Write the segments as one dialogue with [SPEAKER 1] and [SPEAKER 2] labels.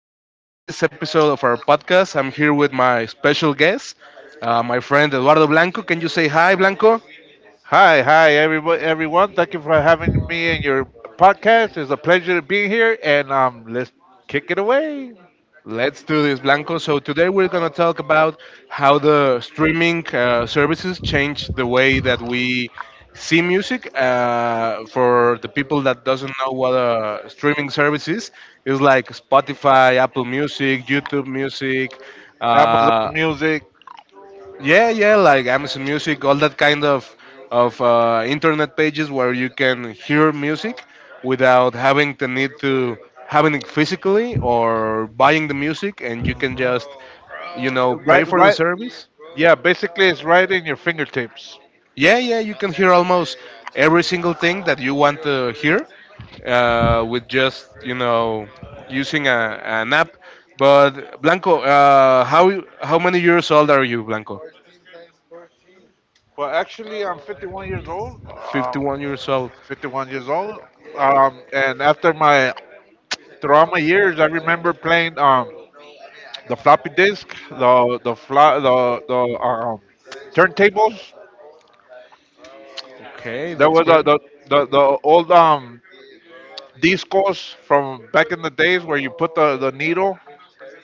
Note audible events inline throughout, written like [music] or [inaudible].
[SPEAKER 1] today at this episode of our podcast, I'm here with my special guest, my friend Eduardo Blanco. Can you say hi, Blanco?
[SPEAKER 2] Hi, everyone. Thank you for having me in your podcast. It's a pleasure to be here, and let's kick it away.
[SPEAKER 1] Let's do this, Blanco. So today we're gonna talk about how the streaming services change the way that we see music. For the people that doesn't know what a streaming service is, it's like Spotify, Apple Music, YouTube Music.
[SPEAKER 2] Amazon
[SPEAKER 1] Uh,
[SPEAKER 2] Music.
[SPEAKER 1] Yeah, yeah, like Amazon Music, all that kind of internet pages where you can hear music without having the need to having it physically or buying the music, and you can
[SPEAKER 2] hmm
[SPEAKER 1] just pay
[SPEAKER 2] right,
[SPEAKER 1] for the
[SPEAKER 2] right,
[SPEAKER 1] service.
[SPEAKER 2] yeah. Basically, it's right in your fingertips.
[SPEAKER 1] Yeah, yeah, you can hear almost every single thing that you want to hear with just using an app. But Blanco, how many years old are you, Blanco?
[SPEAKER 2] Well, actually, I'm 51 years old. Um,
[SPEAKER 1] 51 years old.
[SPEAKER 2] 51 years old. And after my throughout my years, I remember playing the floppy disk, the turntables.
[SPEAKER 1] Okay,
[SPEAKER 2] There
[SPEAKER 1] that's
[SPEAKER 2] was a,
[SPEAKER 1] great.
[SPEAKER 2] the old discos from back in the days where you put the needle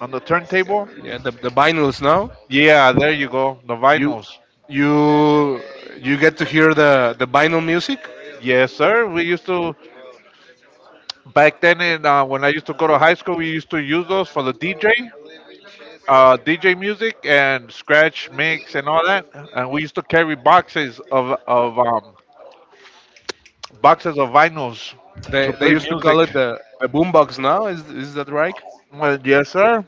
[SPEAKER 2] on the turntable.
[SPEAKER 1] Yeah, the vinyls now.
[SPEAKER 2] Yeah, there you go. The
[SPEAKER 1] You
[SPEAKER 2] vinyls.
[SPEAKER 1] you you get to hear the vinyl music.
[SPEAKER 2] Yes, sir. We used to, back then, when I used to go to high school, we used to use those for the DJ, DJ music and scratch mix and all that. And we used to carry boxes of boxes of vinyls to
[SPEAKER 1] They
[SPEAKER 2] play
[SPEAKER 1] used to
[SPEAKER 2] music.
[SPEAKER 1] call it the boombox now. Is that right?
[SPEAKER 2] Well, yes, sir.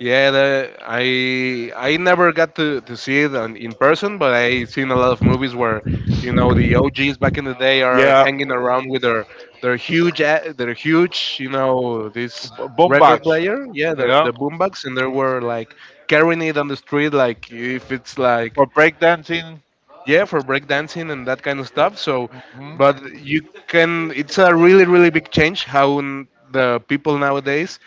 [SPEAKER 1] Yeah, the, I never got to see it on, in person, but I seen a lot of movies where you know the OGs back in the day are
[SPEAKER 2] Yeah,
[SPEAKER 1] hanging around with their their huge you know this
[SPEAKER 2] boombox.
[SPEAKER 1] record player, yeah,
[SPEAKER 2] Yeah,
[SPEAKER 1] the boombox, and they were like carrying it on the street like if it's like
[SPEAKER 2] for breakdancing.
[SPEAKER 1] yeah for breakdancing and that kind of stuff so
[SPEAKER 2] Mm-hmm.
[SPEAKER 1] but you can it's a really really big change how the people nowadays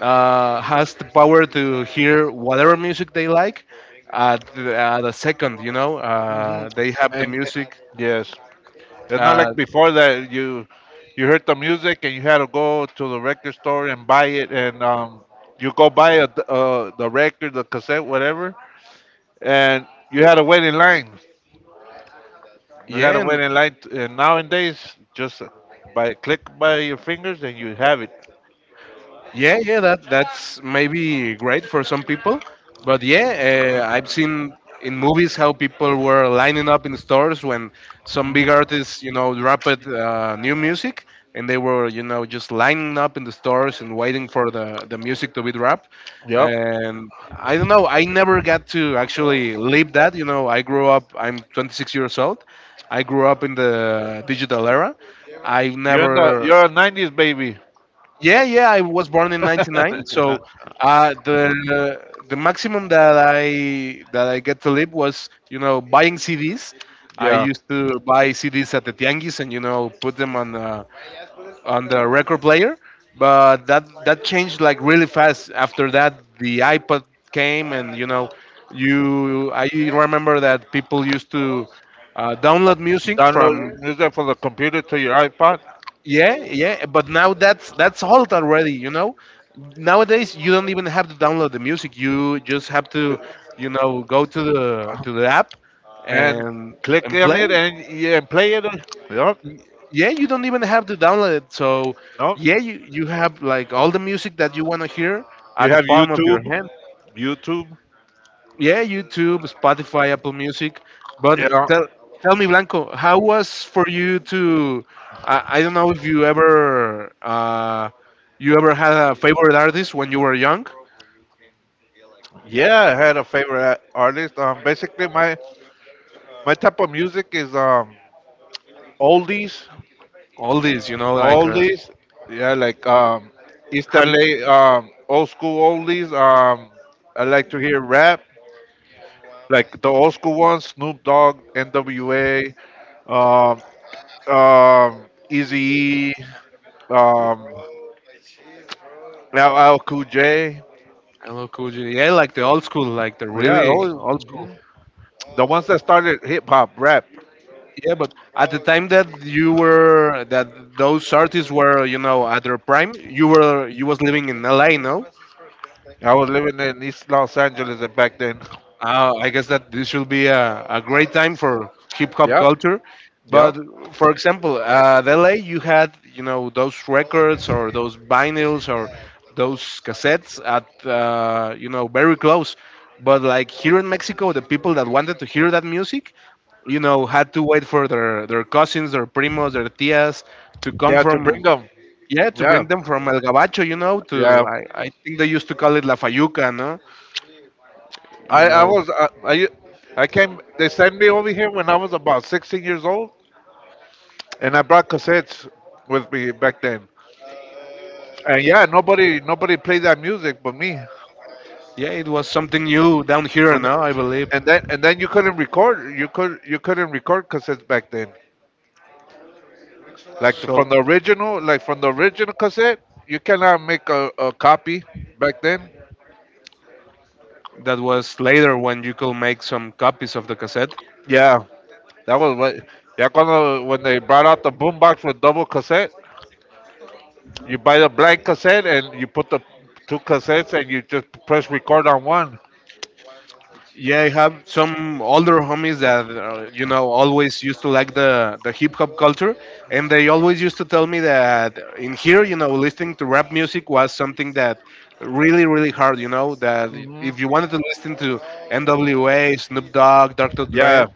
[SPEAKER 1] has the power to hear whatever music they like at at a second you know
[SPEAKER 2] Hmm.
[SPEAKER 1] they have the
[SPEAKER 2] And
[SPEAKER 1] music
[SPEAKER 2] yes, it's not
[SPEAKER 1] uh,
[SPEAKER 2] like before that you heard the music and you had to go to the record store and buy it, and you go buy the record, the cassette, whatever, and you had to wait in line. You had
[SPEAKER 1] yeah
[SPEAKER 2] to wait
[SPEAKER 1] and
[SPEAKER 2] in line, and nowadays just by click by your fingers and you have it.
[SPEAKER 1] yeah, yeah, that that's maybe great for some people, but yeah, I've seen in movies how people were lining up in stores when some big
[SPEAKER 2] Mhm.
[SPEAKER 1] artists, you know, dropped new music, and they were, you know, just lining up in the stores and waiting for the music to be dropped.
[SPEAKER 2] Yep,
[SPEAKER 1] And I don't know, I never got to actually live that. You know, I grew up. I'm 26 years old. I grew up in the digital era. I
[SPEAKER 2] you're in the
[SPEAKER 1] never
[SPEAKER 2] you're a '90s baby.
[SPEAKER 1] yeah, yeah, I was born in '99,
[SPEAKER 2] [laughs]
[SPEAKER 1] so uh,
[SPEAKER 2] Yeah.
[SPEAKER 1] the the maximum that I get to live was, you know, buying CDs. I
[SPEAKER 2] Yeah,
[SPEAKER 1] used to buy CDs at the tianguis and you know put them on the record player, but that that changed like really fast. After that, the iPod came and you know, you I remember that people used to download music
[SPEAKER 2] download
[SPEAKER 1] from
[SPEAKER 2] music from the computer to your iPod.
[SPEAKER 1] yeah, yeah, but now that's old already, you know. Nowadays, you don't even have to download the music. You just have to, you know, go to the app
[SPEAKER 2] And
[SPEAKER 1] and
[SPEAKER 2] click
[SPEAKER 1] and
[SPEAKER 2] on it
[SPEAKER 1] play.
[SPEAKER 2] and, yeah, play it. Yep,
[SPEAKER 1] Y- Yeah, you don't even have to download it. So,
[SPEAKER 2] yep.
[SPEAKER 1] yeah, you have like all the music that you want to hear
[SPEAKER 2] You
[SPEAKER 1] at the
[SPEAKER 2] have
[SPEAKER 1] palm of your hand.
[SPEAKER 2] YouTube.
[SPEAKER 1] Yeah, YouTube, Spotify, Apple Music. But
[SPEAKER 2] Yeah,
[SPEAKER 1] tell me, Blanco, how was for you to? I don't know if you ever you ever had a favorite artist when you were young.
[SPEAKER 2] yeah. I had a favorite artist. Basically, my type of music is oldies.
[SPEAKER 1] All these, you know, like
[SPEAKER 2] Oldies. Yeah, like East
[SPEAKER 1] have you?
[SPEAKER 2] LA old school oldies. I like to hear rap, like the old school ones, Snoop Dogg, N.W.A. Um, Eazy-E, um, now Al Cool J.
[SPEAKER 1] I don't know, cool. Yeah, like the old school, like the
[SPEAKER 2] Well, yeah,
[SPEAKER 1] really old school.
[SPEAKER 2] the ones that started hip hop, rap.
[SPEAKER 1] Yeah, but at the time that you were that those artists were, you know, at their prime, you was living in LA, no?
[SPEAKER 2] I was living in East Los Angeles back then.
[SPEAKER 1] I guess that this should be a great time for hip hop
[SPEAKER 2] Yep,
[SPEAKER 1] culture. But
[SPEAKER 2] yep,
[SPEAKER 1] for example, at LA, you had you know those records or those vinyls or those cassettes at you know very close. But like here in Mexico, the people that wanted to hear that music, you know, had to wait for their cousins, their primos, their tias to come
[SPEAKER 2] yeah. To bring
[SPEAKER 1] from
[SPEAKER 2] them,
[SPEAKER 1] yeah to
[SPEAKER 2] yeah,
[SPEAKER 1] bring them from El Gabacho, you know,
[SPEAKER 2] yeah.
[SPEAKER 1] to I think they used to call it La Fayuca, no, you
[SPEAKER 2] I
[SPEAKER 1] know
[SPEAKER 2] was I came. They sent me over here when I was about 16 years old, and I brought cassettes with me back then. And yeah, nobody played that music but me.
[SPEAKER 1] yeah, it was something new down here,
[SPEAKER 2] And,
[SPEAKER 1] no? I believe.
[SPEAKER 2] and then you couldn't record. You couldn't record cassettes back then. Like from the
[SPEAKER 1] So
[SPEAKER 2] original, like from the original cassette, you cannot make a copy back then.
[SPEAKER 1] that was later when you could make some copies of the cassette.
[SPEAKER 2] Yeah, that was what. Yeah, when they brought out the boombox with double cassette, you buy the blank cassette and you put the two cassettes and you just press record on one.
[SPEAKER 1] Yeah, I have some older homies that you know always used to like the hip hop culture, and they always used to tell me that in here, you know, listening to rap music was something that really really hard. You know that
[SPEAKER 2] Hmm.
[SPEAKER 1] if you wanted to listen to N.W.A., Snoop Dogg, Dr. Dre,
[SPEAKER 2] Yeah,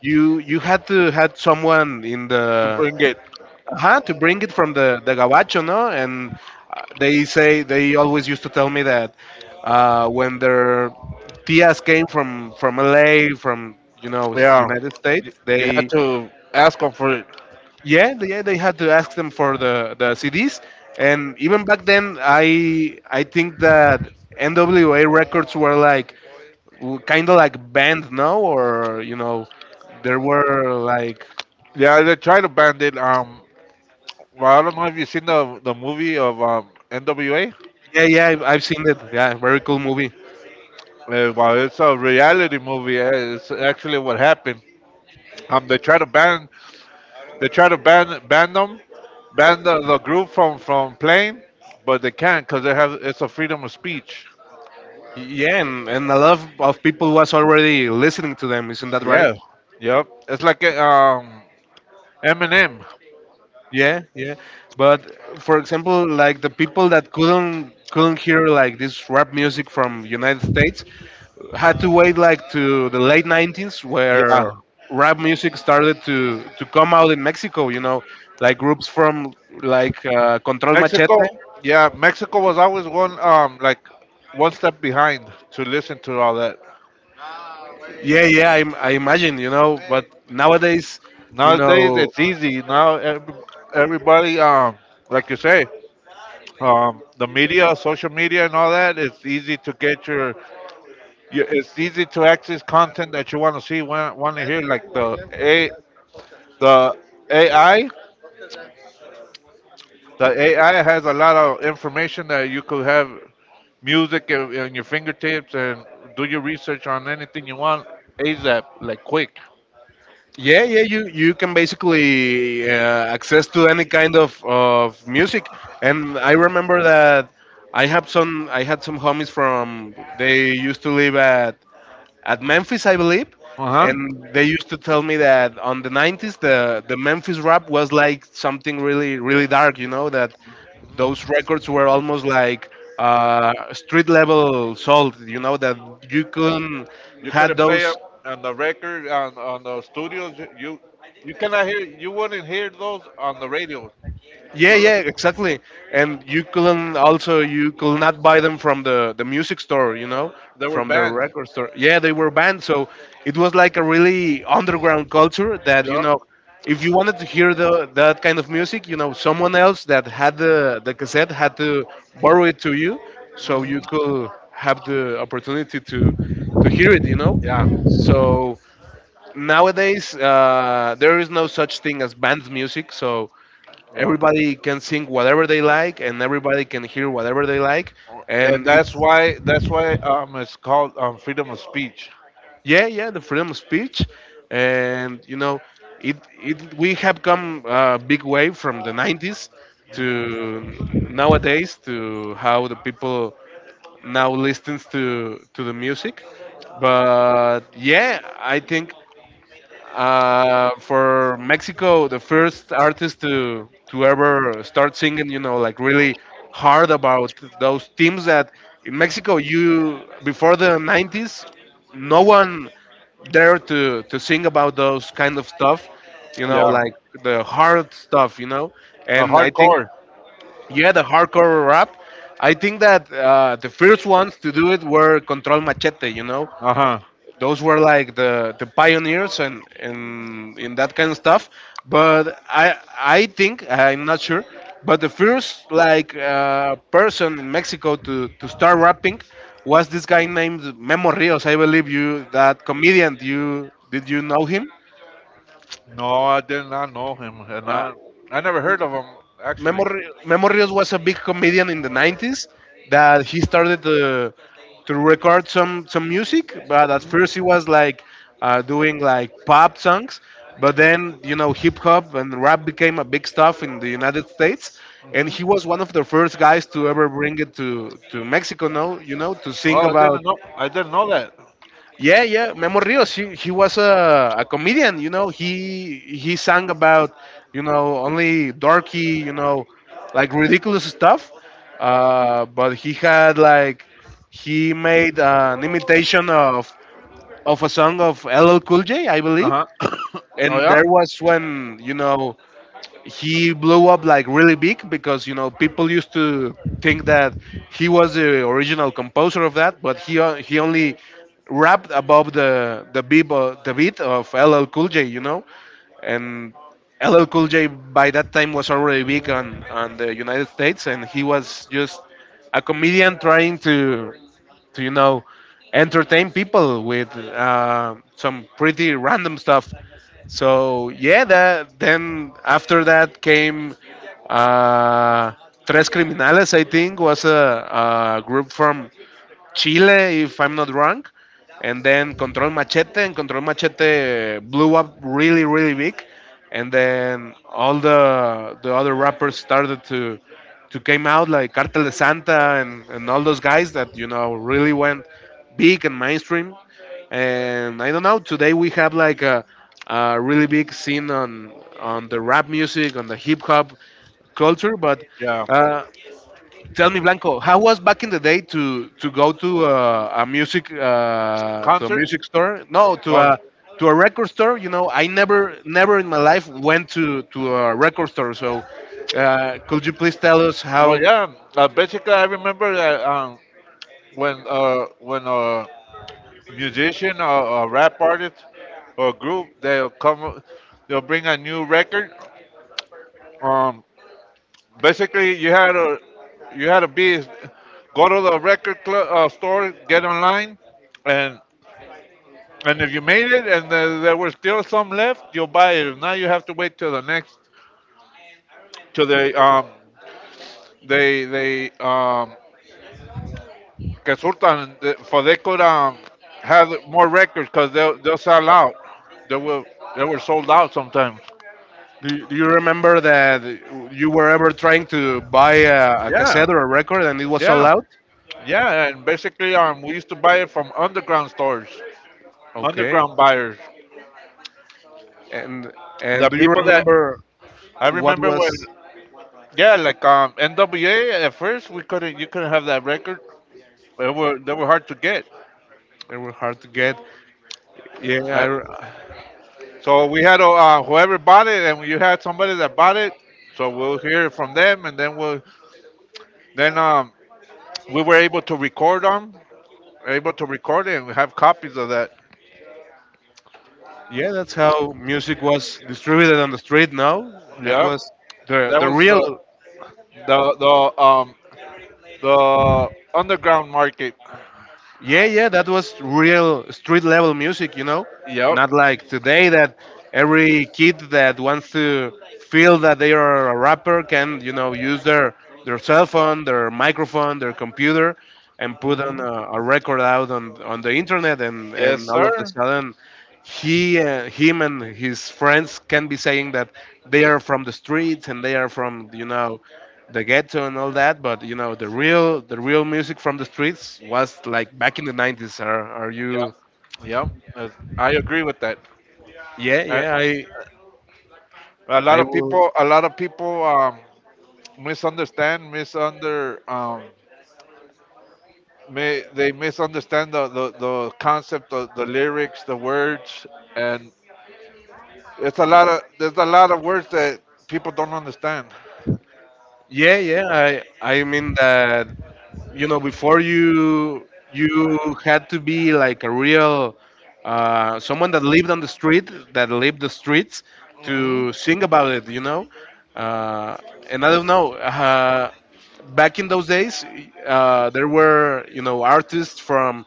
[SPEAKER 1] you had to had someone in
[SPEAKER 2] to
[SPEAKER 1] the
[SPEAKER 2] bring it.
[SPEAKER 1] huh, to bring it from the gabacho, no? And they always used to tell me that when their tias came from LA, from, you know,
[SPEAKER 2] Yeah,
[SPEAKER 1] United
[SPEAKER 2] you,
[SPEAKER 1] States,
[SPEAKER 2] you had
[SPEAKER 1] they,
[SPEAKER 2] to ask them for it.
[SPEAKER 1] yeah, they, yeah, they had to ask them for the CDs. And even back then, I think that NWA records were like, kind of like banned, no? Or, you know, there were like,
[SPEAKER 2] Yeah, they tried to ban it. Well, I don't know if you've seen the movie of NWA.
[SPEAKER 1] yeah, yeah, I've seen it. Yeah, very cool movie.
[SPEAKER 2] Well, it's a reality movie. It's actually what happened. Um, they try to ban, they try to ban the group from playing, but they can't because they have it's a freedom of speech.
[SPEAKER 1] Yeah, and a lot of people was already listening to them, isn't that right?
[SPEAKER 2] Yeah, yep. It's like Eminem.
[SPEAKER 1] Yeah, yeah. But for example, like the people that couldn't hear like this rap music from United States had to wait like to the late '90s
[SPEAKER 2] Yeah,
[SPEAKER 1] where rap music started to come out in Mexico, you know, like groups from like Control Machete.
[SPEAKER 2] Mexico. Yeah, Mexico was always one step behind to listen to all that.
[SPEAKER 1] Yeah, yeah, I imagine, you know, but nowadays, you
[SPEAKER 2] Nowadays
[SPEAKER 1] know,
[SPEAKER 2] it's easy. Now everybody like you say, the media, social media, and all that. It's easy to get your it's easy to access content that you want to see, want to hear. Like the AI, the AI has a lot of information that you could have music in your fingertips and do your research on anything you want, ASAP, like quick.
[SPEAKER 1] yeah, yeah, you can basically access to any kind of music, and I remember that I had some homies from they used to live at Memphis, I believe,
[SPEAKER 2] Uh huh.
[SPEAKER 1] and they used to tell me that on the '90s the Memphis rap was like something really really dark, you know, that those records were almost like street level salt, you know, that you couldn't
[SPEAKER 2] You
[SPEAKER 1] had
[SPEAKER 2] couldn't play
[SPEAKER 1] those
[SPEAKER 2] up on the record on the studios. You cannot hear. You wouldn't hear those on the radio.
[SPEAKER 1] yeah,
[SPEAKER 2] No
[SPEAKER 1] yeah,
[SPEAKER 2] los-.
[SPEAKER 1] exactly. And you couldn't also you could not buy them from the music store, you know,
[SPEAKER 2] They were
[SPEAKER 1] from the
[SPEAKER 2] banned.
[SPEAKER 1] record store. Yeah, they were banned, so it was like a really underground culture that you
[SPEAKER 2] Yeah.
[SPEAKER 1] know, if you wanted to hear the that kind of music, you know, someone else that had the cassette had to borrow it to you, so you
[SPEAKER 2] Hmm.
[SPEAKER 1] could have the opportunity to hear it, you know.
[SPEAKER 2] Yeah,
[SPEAKER 1] So nowadays there is no such thing as banned music, so
[SPEAKER 2] yeah,
[SPEAKER 1] everybody can sing whatever they like and everybody can hear whatever they like
[SPEAKER 2] and
[SPEAKER 1] and
[SPEAKER 2] that's
[SPEAKER 1] it's
[SPEAKER 2] why that's why um it's called freedom of speech.
[SPEAKER 1] yeah, yeah, the freedom of speech, and you know it, it we have come a big way from the '90s to nowadays to how the people now listens to the music but yeah I think for Mexico, the first artist to ever start singing, you know, like really hard about those themes that in Mexico you before the '90s, no one dared to sing about those kind of stuff, you know,
[SPEAKER 2] Yeah,
[SPEAKER 1] like the hard stuff, you know.
[SPEAKER 2] a
[SPEAKER 1] And I think
[SPEAKER 2] hardcore.
[SPEAKER 1] yeah, the hardcore rap. I think that the first ones to do it were Control Machete, you know,
[SPEAKER 2] Uh huh.
[SPEAKER 1] those were like the pioneers and in that kind of stuff but I think I'm not sure but the first like person in Mexico to start rapping was this guy named Memo Rios I believe you that comedian you did you know him
[SPEAKER 2] No, I did not know him, and
[SPEAKER 1] Uh,
[SPEAKER 2] I never heard of him actually.
[SPEAKER 1] Memo was a big comedian in the '90s that he started to record some music, but at
[SPEAKER 2] Hmm.
[SPEAKER 1] first he was like doing like pop songs, but then you know hip hop and rap became a big stuff in the United States, and
[SPEAKER 2] Hmm.
[SPEAKER 1] he was one of the first guys to ever bring it to Mexico. No, you know to sing
[SPEAKER 2] Oh, I
[SPEAKER 1] about
[SPEAKER 2] didn't know. I didn't know that.
[SPEAKER 1] yeah, yeah, Memo Rios. He was a comedian. You know, he sang about you know only dorky, you know, like ridiculous stuff. But he had like he made an imitation of a song of LL Cool J, I believe.
[SPEAKER 2] Uh huh. [coughs] Oh
[SPEAKER 1] And
[SPEAKER 2] yeah.
[SPEAKER 1] there was when you know he blew up like really big because you know people used to think that he was the original composer of that, but he only rapped above the beat of LL Cool J, you know, and LL Cool J by that time was already big on the United States, and he was just a comedian trying to you know entertain people with some pretty random stuff. So yeah, that then after that came uh, Tres Criminales. I think was a group from Chile, if I'm not wrong, and then Control Machete, and Control Machete blew up really, really big, and then all the other rappers started to came out like Cartel de Santa and all those guys that you know really went big and mainstream, and I don't know. Today we have like a really big scene on the rap music, on the hip hop culture, but.
[SPEAKER 2] Yeah.
[SPEAKER 1] Uh, Tell me, Blanco, how was back in the day to go to a music to a
[SPEAKER 2] Concert.
[SPEAKER 1] music store? No,
[SPEAKER 2] Oh,
[SPEAKER 1] to a record store. You know, I never in my life went to a record store. So, could you please tell us
[SPEAKER 2] well,
[SPEAKER 1] how?
[SPEAKER 2] yeah. Basically, I remember that when musician or a rap artist or group, they'll come, they'll bring a new record. um Basically, you had to be go to the record club, store, get online, and if you made it and there were still some left, you'll buy it. If not, you have to wait till the next, till they que surtan, for they could have more records, because they'll sell out. They will they were sold out sometimes.
[SPEAKER 1] Do you remember that you were ever trying to buy a
[SPEAKER 2] Yeah.
[SPEAKER 1] cassette or a record and it was sold
[SPEAKER 2] Yeah,
[SPEAKER 1] out?
[SPEAKER 2] yeah, and basically, we used to buy it from underground stores,
[SPEAKER 1] Okay,
[SPEAKER 2] underground buyers.
[SPEAKER 1] and
[SPEAKER 2] The
[SPEAKER 1] do you
[SPEAKER 2] people that
[SPEAKER 1] remember
[SPEAKER 2] I
[SPEAKER 1] what
[SPEAKER 2] remember when,
[SPEAKER 1] was
[SPEAKER 2] yeah, like NWA. At first, we couldn't, you couldn't have that record. They were hard to get.
[SPEAKER 1] they were hard to get? Yeah, I,
[SPEAKER 2] Uh,
[SPEAKER 1] re-
[SPEAKER 2] so we had to, whoever bought it, and you had somebody that bought it. So we'll hear from them, and then then um, we were able to record them, able to record it, and we have copies of that.
[SPEAKER 1] yeah, that's how music was distributed on the street. Now that
[SPEAKER 2] Yeah,
[SPEAKER 1] was the
[SPEAKER 2] that
[SPEAKER 1] the
[SPEAKER 2] was
[SPEAKER 1] real.
[SPEAKER 2] the the um, The underground market.
[SPEAKER 1] Yeah, yeah, that was real street level music, you know?
[SPEAKER 2] Yep.
[SPEAKER 1] Not like today that every kid that wants to feel that they are a rapper can, you know, use their cell phone, their microphone, their computer and put on
[SPEAKER 2] Hmm.
[SPEAKER 1] a record out on the internet and
[SPEAKER 2] Yes,
[SPEAKER 1] all of a
[SPEAKER 2] sir.
[SPEAKER 1] sudden he him and his friends can be saying that they are from the streets and they are from you know the ghetto and all that, but you know the real music from the streets was like back in the 90s. Are you?
[SPEAKER 2] Yep. Yep. I agree with that.
[SPEAKER 1] Yeah,
[SPEAKER 2] A,
[SPEAKER 1] yeah. I
[SPEAKER 2] a lot
[SPEAKER 1] I
[SPEAKER 2] of
[SPEAKER 1] will.
[SPEAKER 2] people, misunderstand, misunder, um, they misunderstand the concept of the lyrics, the words, and it's a lot of there's a lot of words that people don't understand.
[SPEAKER 1] Yeah, yeah. I mean that you know before you had to be like a real someone that lived on the street that lived the streets
[SPEAKER 2] Hmm.
[SPEAKER 1] to sing about it. Uh, and I don't know. Back in those days, there were you know artists from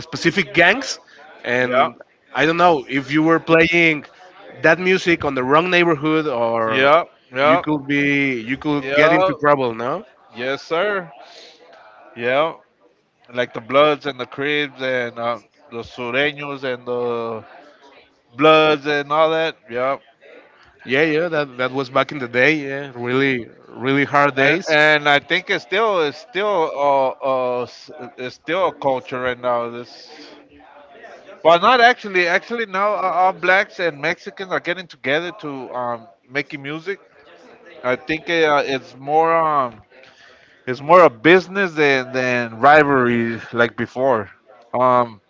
[SPEAKER 1] specific gangs,
[SPEAKER 2] Yeah.
[SPEAKER 1] and I don't know if you were playing that music on the wrong neighborhood or
[SPEAKER 2] Yeah. Yeah.
[SPEAKER 1] you could get
[SPEAKER 2] Yeah.
[SPEAKER 1] into trouble, no?
[SPEAKER 2] Yes, sir. Yeah. Like the Bloods and the Cribs and, the Sureños and the Bloods and all that. Yeah,
[SPEAKER 1] Yeah, yeah, that was back in the day. Yeah, really, really hard
[SPEAKER 2] and
[SPEAKER 1] days.
[SPEAKER 2] I think it's still a culture right now. Well, not actually. Actually, now all blacks and Mexicans are getting together to making music. I think it's more a business than rivalry like before. Um,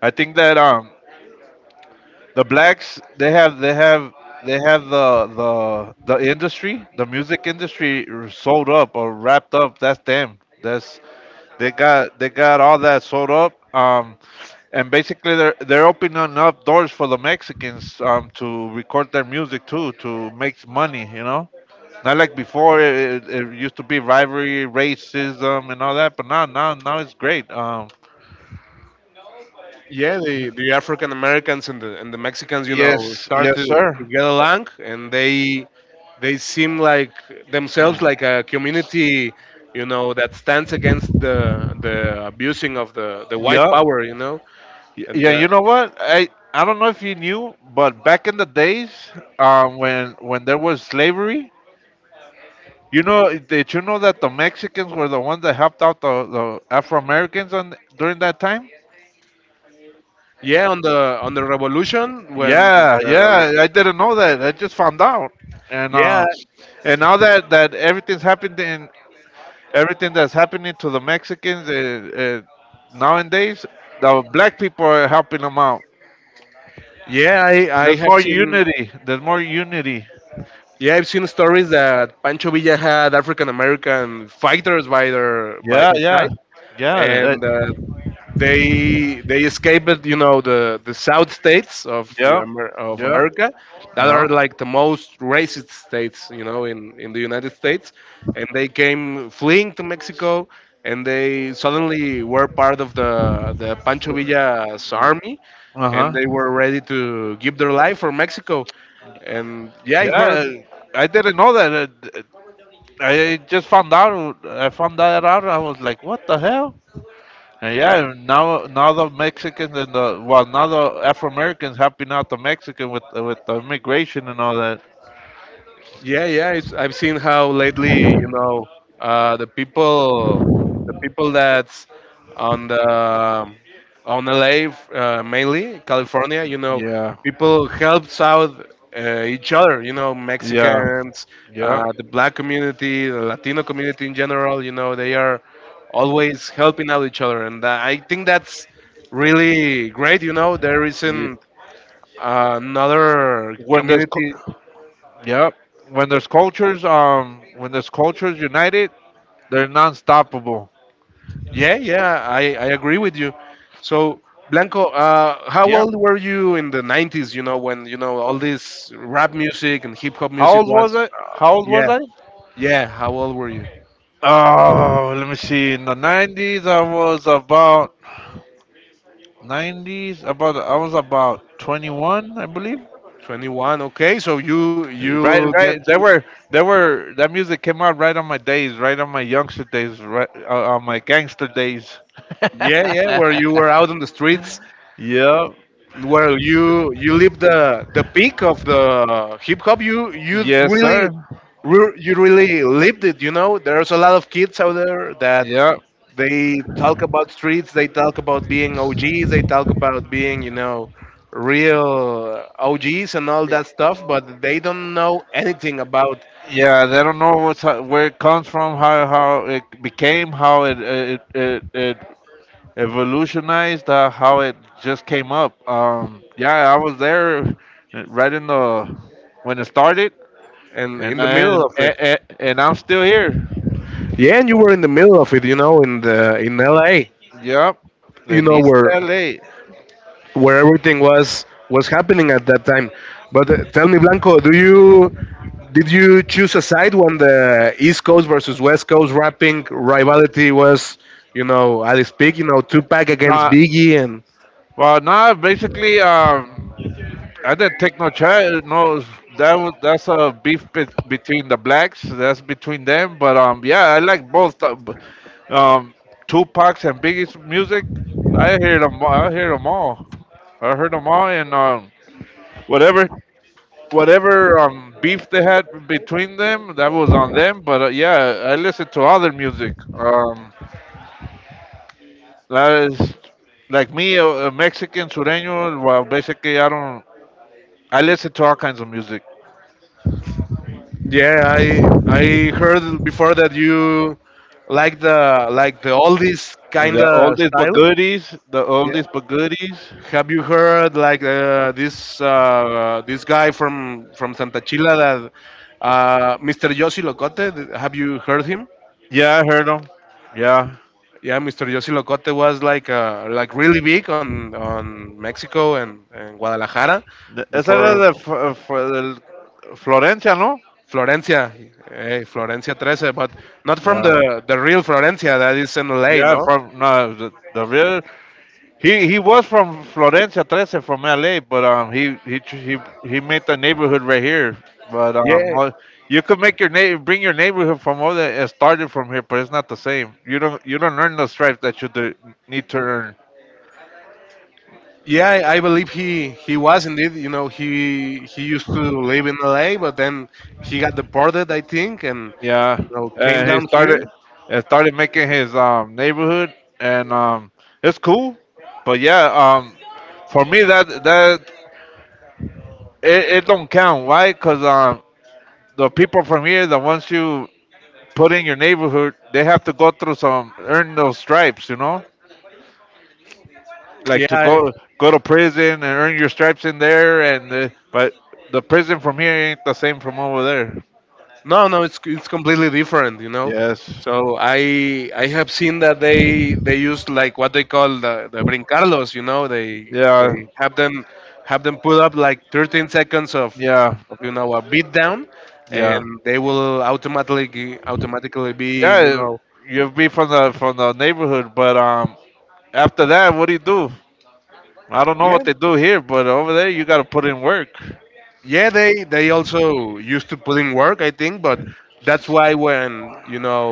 [SPEAKER 2] I think that the blacks they have the industry, the music industry sold up or wrapped up. That's them. That's They got all that sold up. And basically they're opening up doors for the Mexicans to record their music too, to make money. You know, not like before, it used to be rivalry, racism, and all that. But now it's great.
[SPEAKER 1] Yeah, the African Americans and the Mexicans you know
[SPEAKER 2] Yes,
[SPEAKER 1] start
[SPEAKER 2] yes,
[SPEAKER 1] to
[SPEAKER 2] sir.
[SPEAKER 1] get along and they seem like themselves like a community you know that stands against the abusing of the white
[SPEAKER 2] Yep.
[SPEAKER 1] power, you know. And
[SPEAKER 2] Yeah, you know what? I don't know if you knew, but back in the days, when there was slavery, you know, did you know that the Mexicans were the ones that helped out the Afro Americans on during that time?
[SPEAKER 1] yeah, on the revolution when.
[SPEAKER 2] Yeah,
[SPEAKER 1] uh,
[SPEAKER 2] yeah, I didn't know that. I just found out, and uh,
[SPEAKER 1] yeah
[SPEAKER 2] and now that everything's happened in everything that's happening to the Mexicans, nowadays, the black people are helping them out.
[SPEAKER 1] yeah i i
[SPEAKER 2] There's
[SPEAKER 1] have
[SPEAKER 2] more
[SPEAKER 1] seen.
[SPEAKER 2] unity. There's more unity.
[SPEAKER 1] Yeah, I've seen stories that Pancho Villa had African American fighters by their by
[SPEAKER 2] Yeah,
[SPEAKER 1] his
[SPEAKER 2] yeah,
[SPEAKER 1] side,
[SPEAKER 2] yeah,
[SPEAKER 1] and they escaped, you know, the South states of
[SPEAKER 2] yeah,
[SPEAKER 1] Of
[SPEAKER 2] yeah,
[SPEAKER 1] America that
[SPEAKER 2] yeah.
[SPEAKER 1] are like the most racist states, you know, in the United States, and they came fleeing to Mexico, and they suddenly were part of the Pancho Villa's army,
[SPEAKER 2] Uh
[SPEAKER 1] and they
[SPEAKER 2] huh.
[SPEAKER 1] were ready to give their life for Mexico. And yeah, I heard.
[SPEAKER 2] Yeah, I didn't know that. I just found out. I found that out. I was like, "What the hell?" And yeah, now the Mexicans and the well, now the Afro Americans helping out the Mexican with the immigration and all that.
[SPEAKER 1] Yeah, yeah. It's, I've seen how lately, you know, uh, the people, the people that's on the on LA, mainly California, you know,
[SPEAKER 2] Yeah,
[SPEAKER 1] people helps out each other. You know,
[SPEAKER 2] yeah,
[SPEAKER 1] Mexicans,
[SPEAKER 2] yeah.
[SPEAKER 1] the black community, the Latino community in general. You know, they are always helping out each other, and I think that's really great. You know, there
[SPEAKER 2] Ye-
[SPEAKER 1] isn't another
[SPEAKER 2] When there's cu-
[SPEAKER 1] community.
[SPEAKER 2] yeah, when there's cultures united, they're non-stoppable.
[SPEAKER 1] Yeah, yeah, I agree with you. So, Blanco, how
[SPEAKER 2] Yeah.
[SPEAKER 1] old were you in the 90s, you know, when, you know, all this rap music and hip hop
[SPEAKER 2] How
[SPEAKER 1] music
[SPEAKER 2] old was
[SPEAKER 1] was,
[SPEAKER 2] I? How old was I?
[SPEAKER 1] yeah, how old were you?
[SPEAKER 2] Oh, let me see. In the 90s, I was about. 90s. About I was about 21, I believe.
[SPEAKER 1] 21, okay, so
[SPEAKER 2] Right,
[SPEAKER 1] you get
[SPEAKER 2] right. They
[SPEAKER 1] to,
[SPEAKER 2] were, they were. That music came out right on my days, right on my youngster days, right on my gangster days.
[SPEAKER 1] yeah, yeah, where you were out on the streets,
[SPEAKER 2] Yeah.
[SPEAKER 1] where you lived the peak of the hip hop,
[SPEAKER 2] Yes, sir.
[SPEAKER 1] you really lived it, you know, there's a lot of kids out there that
[SPEAKER 2] Yeah.
[SPEAKER 1] they talk about streets. They talk about being OGs. They talk about being, you know, real OGs and all
[SPEAKER 2] Y-
[SPEAKER 1] that stuff. But they don't know anything about
[SPEAKER 2] Yeah, they don't know where it comes from, how it became, how it evolutionized, how it just came up. Yeah, I was there, right in the when it started,
[SPEAKER 1] and
[SPEAKER 2] and
[SPEAKER 1] in the middle
[SPEAKER 2] and
[SPEAKER 1] of it.
[SPEAKER 2] and, and I'm still here.
[SPEAKER 1] Yeah, and you were in the middle of it, you know, in the in LA.
[SPEAKER 2] Yep,
[SPEAKER 1] You
[SPEAKER 2] in
[SPEAKER 1] know
[SPEAKER 2] East
[SPEAKER 1] where
[SPEAKER 2] LA.
[SPEAKER 1] everything was happening at that time. But tell me, Blanco, do you did you choose a side when the East Coast versus West Coast rapping rivalry was, you know, at its peak? You know, Tupac against
[SPEAKER 2] Not
[SPEAKER 1] Biggie, and
[SPEAKER 2] Well, not basically. I didn't take no charge. No, that's a beef, between the blacks. That's between them. But yeah, I like both. Um, Tupac's and Biggie's music. I hear them. I hear them all. I heard them all, and whatever beef they had between them, that was on them. But yeah, I listen to other music. That is like me, a Mexican sureño. Well, basically, I don't. I listen to all kinds of music.
[SPEAKER 1] yeah, I heard before that you like the oldies kind
[SPEAKER 2] The
[SPEAKER 1] of
[SPEAKER 2] oldies but
[SPEAKER 1] style.
[SPEAKER 2] goodies. The oldies but goodies.
[SPEAKER 1] Have you heard like this guy from Santa Chila that Mr. Yossi Locote? Have you heard him?
[SPEAKER 2] Yeah, I heard them. Yeah.
[SPEAKER 1] Yeah, Mr. Yossi Locote was like really big on Mexico and Guadalajara
[SPEAKER 2] Esa era
[SPEAKER 1] before
[SPEAKER 2] de del Florencia, ¿no?
[SPEAKER 1] Florencia, eh, Florencia 13, but not from
[SPEAKER 2] Yeah.
[SPEAKER 1] the real Florencia that is in LA,
[SPEAKER 2] Yeah,
[SPEAKER 1] no?
[SPEAKER 2] from no the, the real he was from Florencia 13 from LA, but he tr- he made the neighborhood right here. But
[SPEAKER 1] Yeah.
[SPEAKER 2] well, you could make your neighbor bring your neighborhood from all that it started from here, but it's not the same. You don't earn the stripes that you need to earn.
[SPEAKER 1] Yeah, I believe he was indeed. You know, he used to live in LA, but then he got deported, I think, and
[SPEAKER 2] Yeah,
[SPEAKER 1] you know came
[SPEAKER 2] and he
[SPEAKER 1] down here.
[SPEAKER 2] started and started making his neighborhood, and it's cool. But yeah, for me that it don't count. Why? Because the people from here, the ones you put in your neighborhood, they have to go through some earn those stripes, you know,
[SPEAKER 1] Yeah,
[SPEAKER 2] like to
[SPEAKER 1] I-
[SPEAKER 2] go to prison and earn your stripes in there. And But the prison from here ain't the same from over there.
[SPEAKER 1] no, no, it's completely different. You know,
[SPEAKER 2] Yes.
[SPEAKER 1] so I have seen that they used like what they call the brincarlos. You know,
[SPEAKER 2] Yeah.
[SPEAKER 1] they have them put up like 13 seconds
[SPEAKER 2] Yeah.
[SPEAKER 1] of you know a beat down,
[SPEAKER 2] Yeah.
[SPEAKER 1] and they will automatically be, you
[SPEAKER 2] Yeah,
[SPEAKER 1] know.
[SPEAKER 2] you'll be from the neighborhood, but after that, what do you do? I don't know
[SPEAKER 1] Yeah,
[SPEAKER 2] what they do here, but over there, you gotta put in work.
[SPEAKER 1] yeah, they also used to put in work, I think, but that's why when you know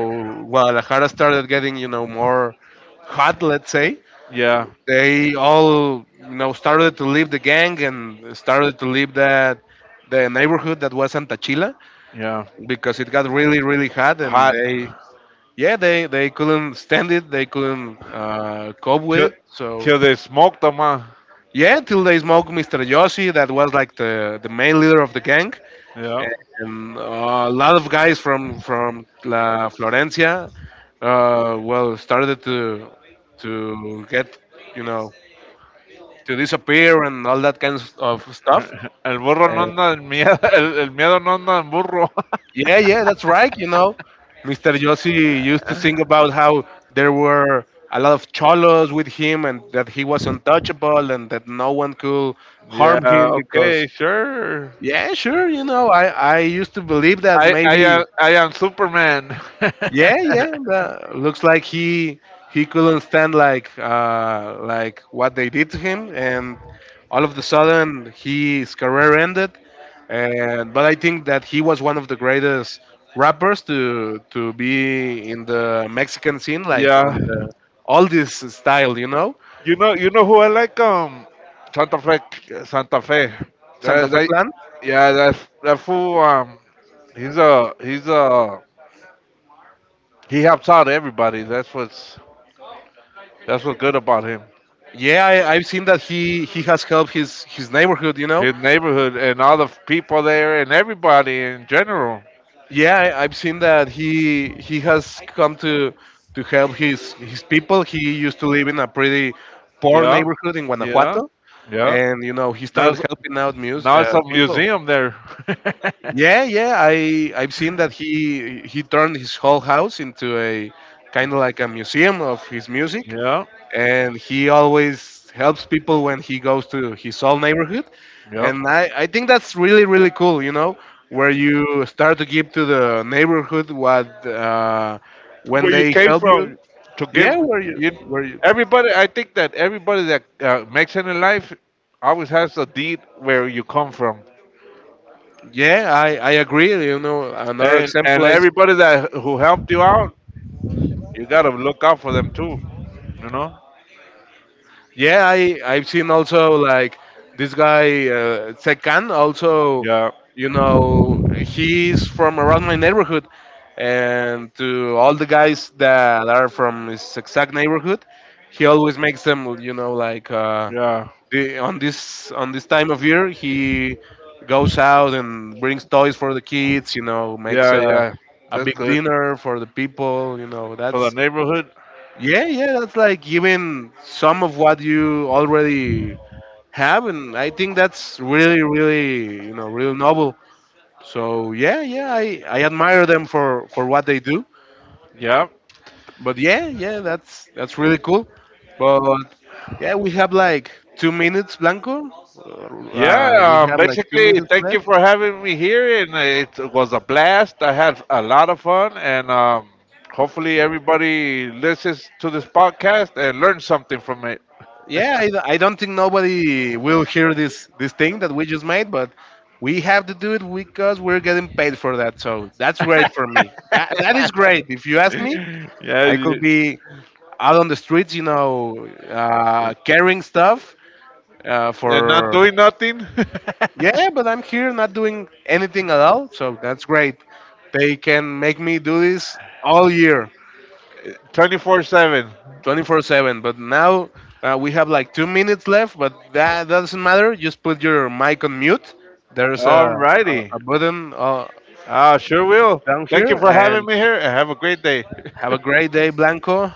[SPEAKER 1] Guadalajara started getting you know more hot, let's say,
[SPEAKER 2] Yeah,
[SPEAKER 1] they all you know started to leave the gang and started to leave that the neighborhood that was Antachila
[SPEAKER 2] yeah,
[SPEAKER 1] because it got really really hot and
[SPEAKER 2] hot,
[SPEAKER 1] they yeah they couldn't stand it. They couldn't cope
[SPEAKER 2] till
[SPEAKER 1] with it, so
[SPEAKER 2] till they smoke them, huh?
[SPEAKER 1] yeah, till they smoked Mr. Yossi, that was like the main leader of the gang.
[SPEAKER 2] Yeah.
[SPEAKER 1] And a lot of guys from La Florencia, well, started to get you know to disappear and all that kinds of stuff.
[SPEAKER 2] El burro no
[SPEAKER 1] And
[SPEAKER 2] anda en miedo, [laughs] el miedo no anda en burro. [laughs]
[SPEAKER 1] yeah, yeah, that's right. You know, Mr. Yossi used to sing about how there were a lot of cholos with him and that he was untouchable and that no one could
[SPEAKER 2] Yeah,
[SPEAKER 1] harm him
[SPEAKER 2] okay,
[SPEAKER 1] because
[SPEAKER 2] sure.
[SPEAKER 1] yeah, sure, you know, I used to believe that maybe.
[SPEAKER 2] I am Superman.
[SPEAKER 1] Yeah, yeah.
[SPEAKER 2] [laughs]
[SPEAKER 1] That looks like he couldn't stand like what they did to him, and all of the sudden his career ended. And but I think that he was one of the greatest rappers to be in the Mexican scene, like
[SPEAKER 2] Yeah.
[SPEAKER 1] on the all this style, you know,
[SPEAKER 2] You know who I like? Santa Fe. Santa Fe.
[SPEAKER 1] Santa
[SPEAKER 2] That,
[SPEAKER 1] Fe
[SPEAKER 2] that,
[SPEAKER 1] Clan.
[SPEAKER 2] yeah, that fool. He's a he helps out everybody. That's what's good about him.
[SPEAKER 1] Yeah, I've seen that he has helped his neighborhood, you know.
[SPEAKER 2] His neighborhood and all the people there and everybody in general.
[SPEAKER 1] I've seen that he has come to help his people. He used to live in a pretty poor
[SPEAKER 2] Yeah,
[SPEAKER 1] neighborhood in
[SPEAKER 2] yeah,
[SPEAKER 1] Guanajuato,
[SPEAKER 2] yeah.
[SPEAKER 1] and you know he
[SPEAKER 2] Now
[SPEAKER 1] started
[SPEAKER 2] it's,
[SPEAKER 1] helping out muse
[SPEAKER 2] Now it's a
[SPEAKER 1] people.
[SPEAKER 2] museum there. [laughs]
[SPEAKER 1] Yeah, yeah, I've seen that he turned his whole house into a kind of like a museum of his music,
[SPEAKER 2] Yeah,
[SPEAKER 1] and he always helps people when he goes to his old neighborhood.
[SPEAKER 2] yeah.
[SPEAKER 1] And I think that's really really cool, you know, where you start to give to the neighborhood what when
[SPEAKER 2] Where you
[SPEAKER 1] they
[SPEAKER 2] came
[SPEAKER 1] help you.
[SPEAKER 2] from, to give.
[SPEAKER 1] Yeah, where you
[SPEAKER 2] you,
[SPEAKER 1] where you
[SPEAKER 2] everybody, I think that everybody that makes it in life always has a deed where you come from.
[SPEAKER 1] yeah I agree, you know, another
[SPEAKER 2] and
[SPEAKER 1] example
[SPEAKER 2] and
[SPEAKER 1] I.
[SPEAKER 2] everybody that who helped you out, you gotta look out for them too, you know.
[SPEAKER 1] Yeah, I've seen also like this guy Sekan also,
[SPEAKER 2] Yeah.
[SPEAKER 1] you know, he's from around my neighborhood, and to all the guys that are from his exact neighborhood, he always makes them, you know, like
[SPEAKER 2] Yeah.
[SPEAKER 1] on this time of year he goes out and brings toys for the kids, you know, makes
[SPEAKER 2] Yeah. Yeah,
[SPEAKER 1] a
[SPEAKER 2] that's
[SPEAKER 1] big
[SPEAKER 2] good
[SPEAKER 1] dinner for the people, you know,
[SPEAKER 2] for the
[SPEAKER 1] that's
[SPEAKER 2] neighborhood.
[SPEAKER 1] yeah, yeah, that's like giving some of what you already have, and I think that's really, really, you know, real noble. So yeah, yeah, I admire them for what they do.
[SPEAKER 2] Yeah.
[SPEAKER 1] But yeah, yeah, that's really cool. But yeah, we have like 2 minutes, Blanco. We
[SPEAKER 2] Yeah,
[SPEAKER 1] have like two
[SPEAKER 2] basically,
[SPEAKER 1] minutes
[SPEAKER 2] thank you
[SPEAKER 1] left.
[SPEAKER 2] for having me here, and it was a blast. I had a lot of fun, and hopefully, everybody listens to this podcast and learns something from it.
[SPEAKER 1] Yeah, I don't think nobody will hear this this thing that we just made, but we have to do it because we're getting paid for that. So that's great for me. That that is great. If you ask me,
[SPEAKER 2] [laughs] Yeah,
[SPEAKER 1] I could be out on the streets, you know, carrying stuff
[SPEAKER 2] and not
[SPEAKER 1] for
[SPEAKER 2] doing nothing.
[SPEAKER 1] yeah, but I'm here not doing anything at all. So that's great. They can make me do this all year.
[SPEAKER 2] [laughs] 24/7.
[SPEAKER 1] 24/7. But now we have like 2 minutes left, but that doesn't matter. Just put your mic on mute. There's
[SPEAKER 2] Alrighty,
[SPEAKER 1] a button
[SPEAKER 2] sure will.
[SPEAKER 1] down
[SPEAKER 2] Thank you
[SPEAKER 1] here.
[SPEAKER 2] for having
[SPEAKER 1] And
[SPEAKER 2] me here, and have a great day.
[SPEAKER 1] have a
[SPEAKER 2] [laughs]
[SPEAKER 1] great day, Blanco.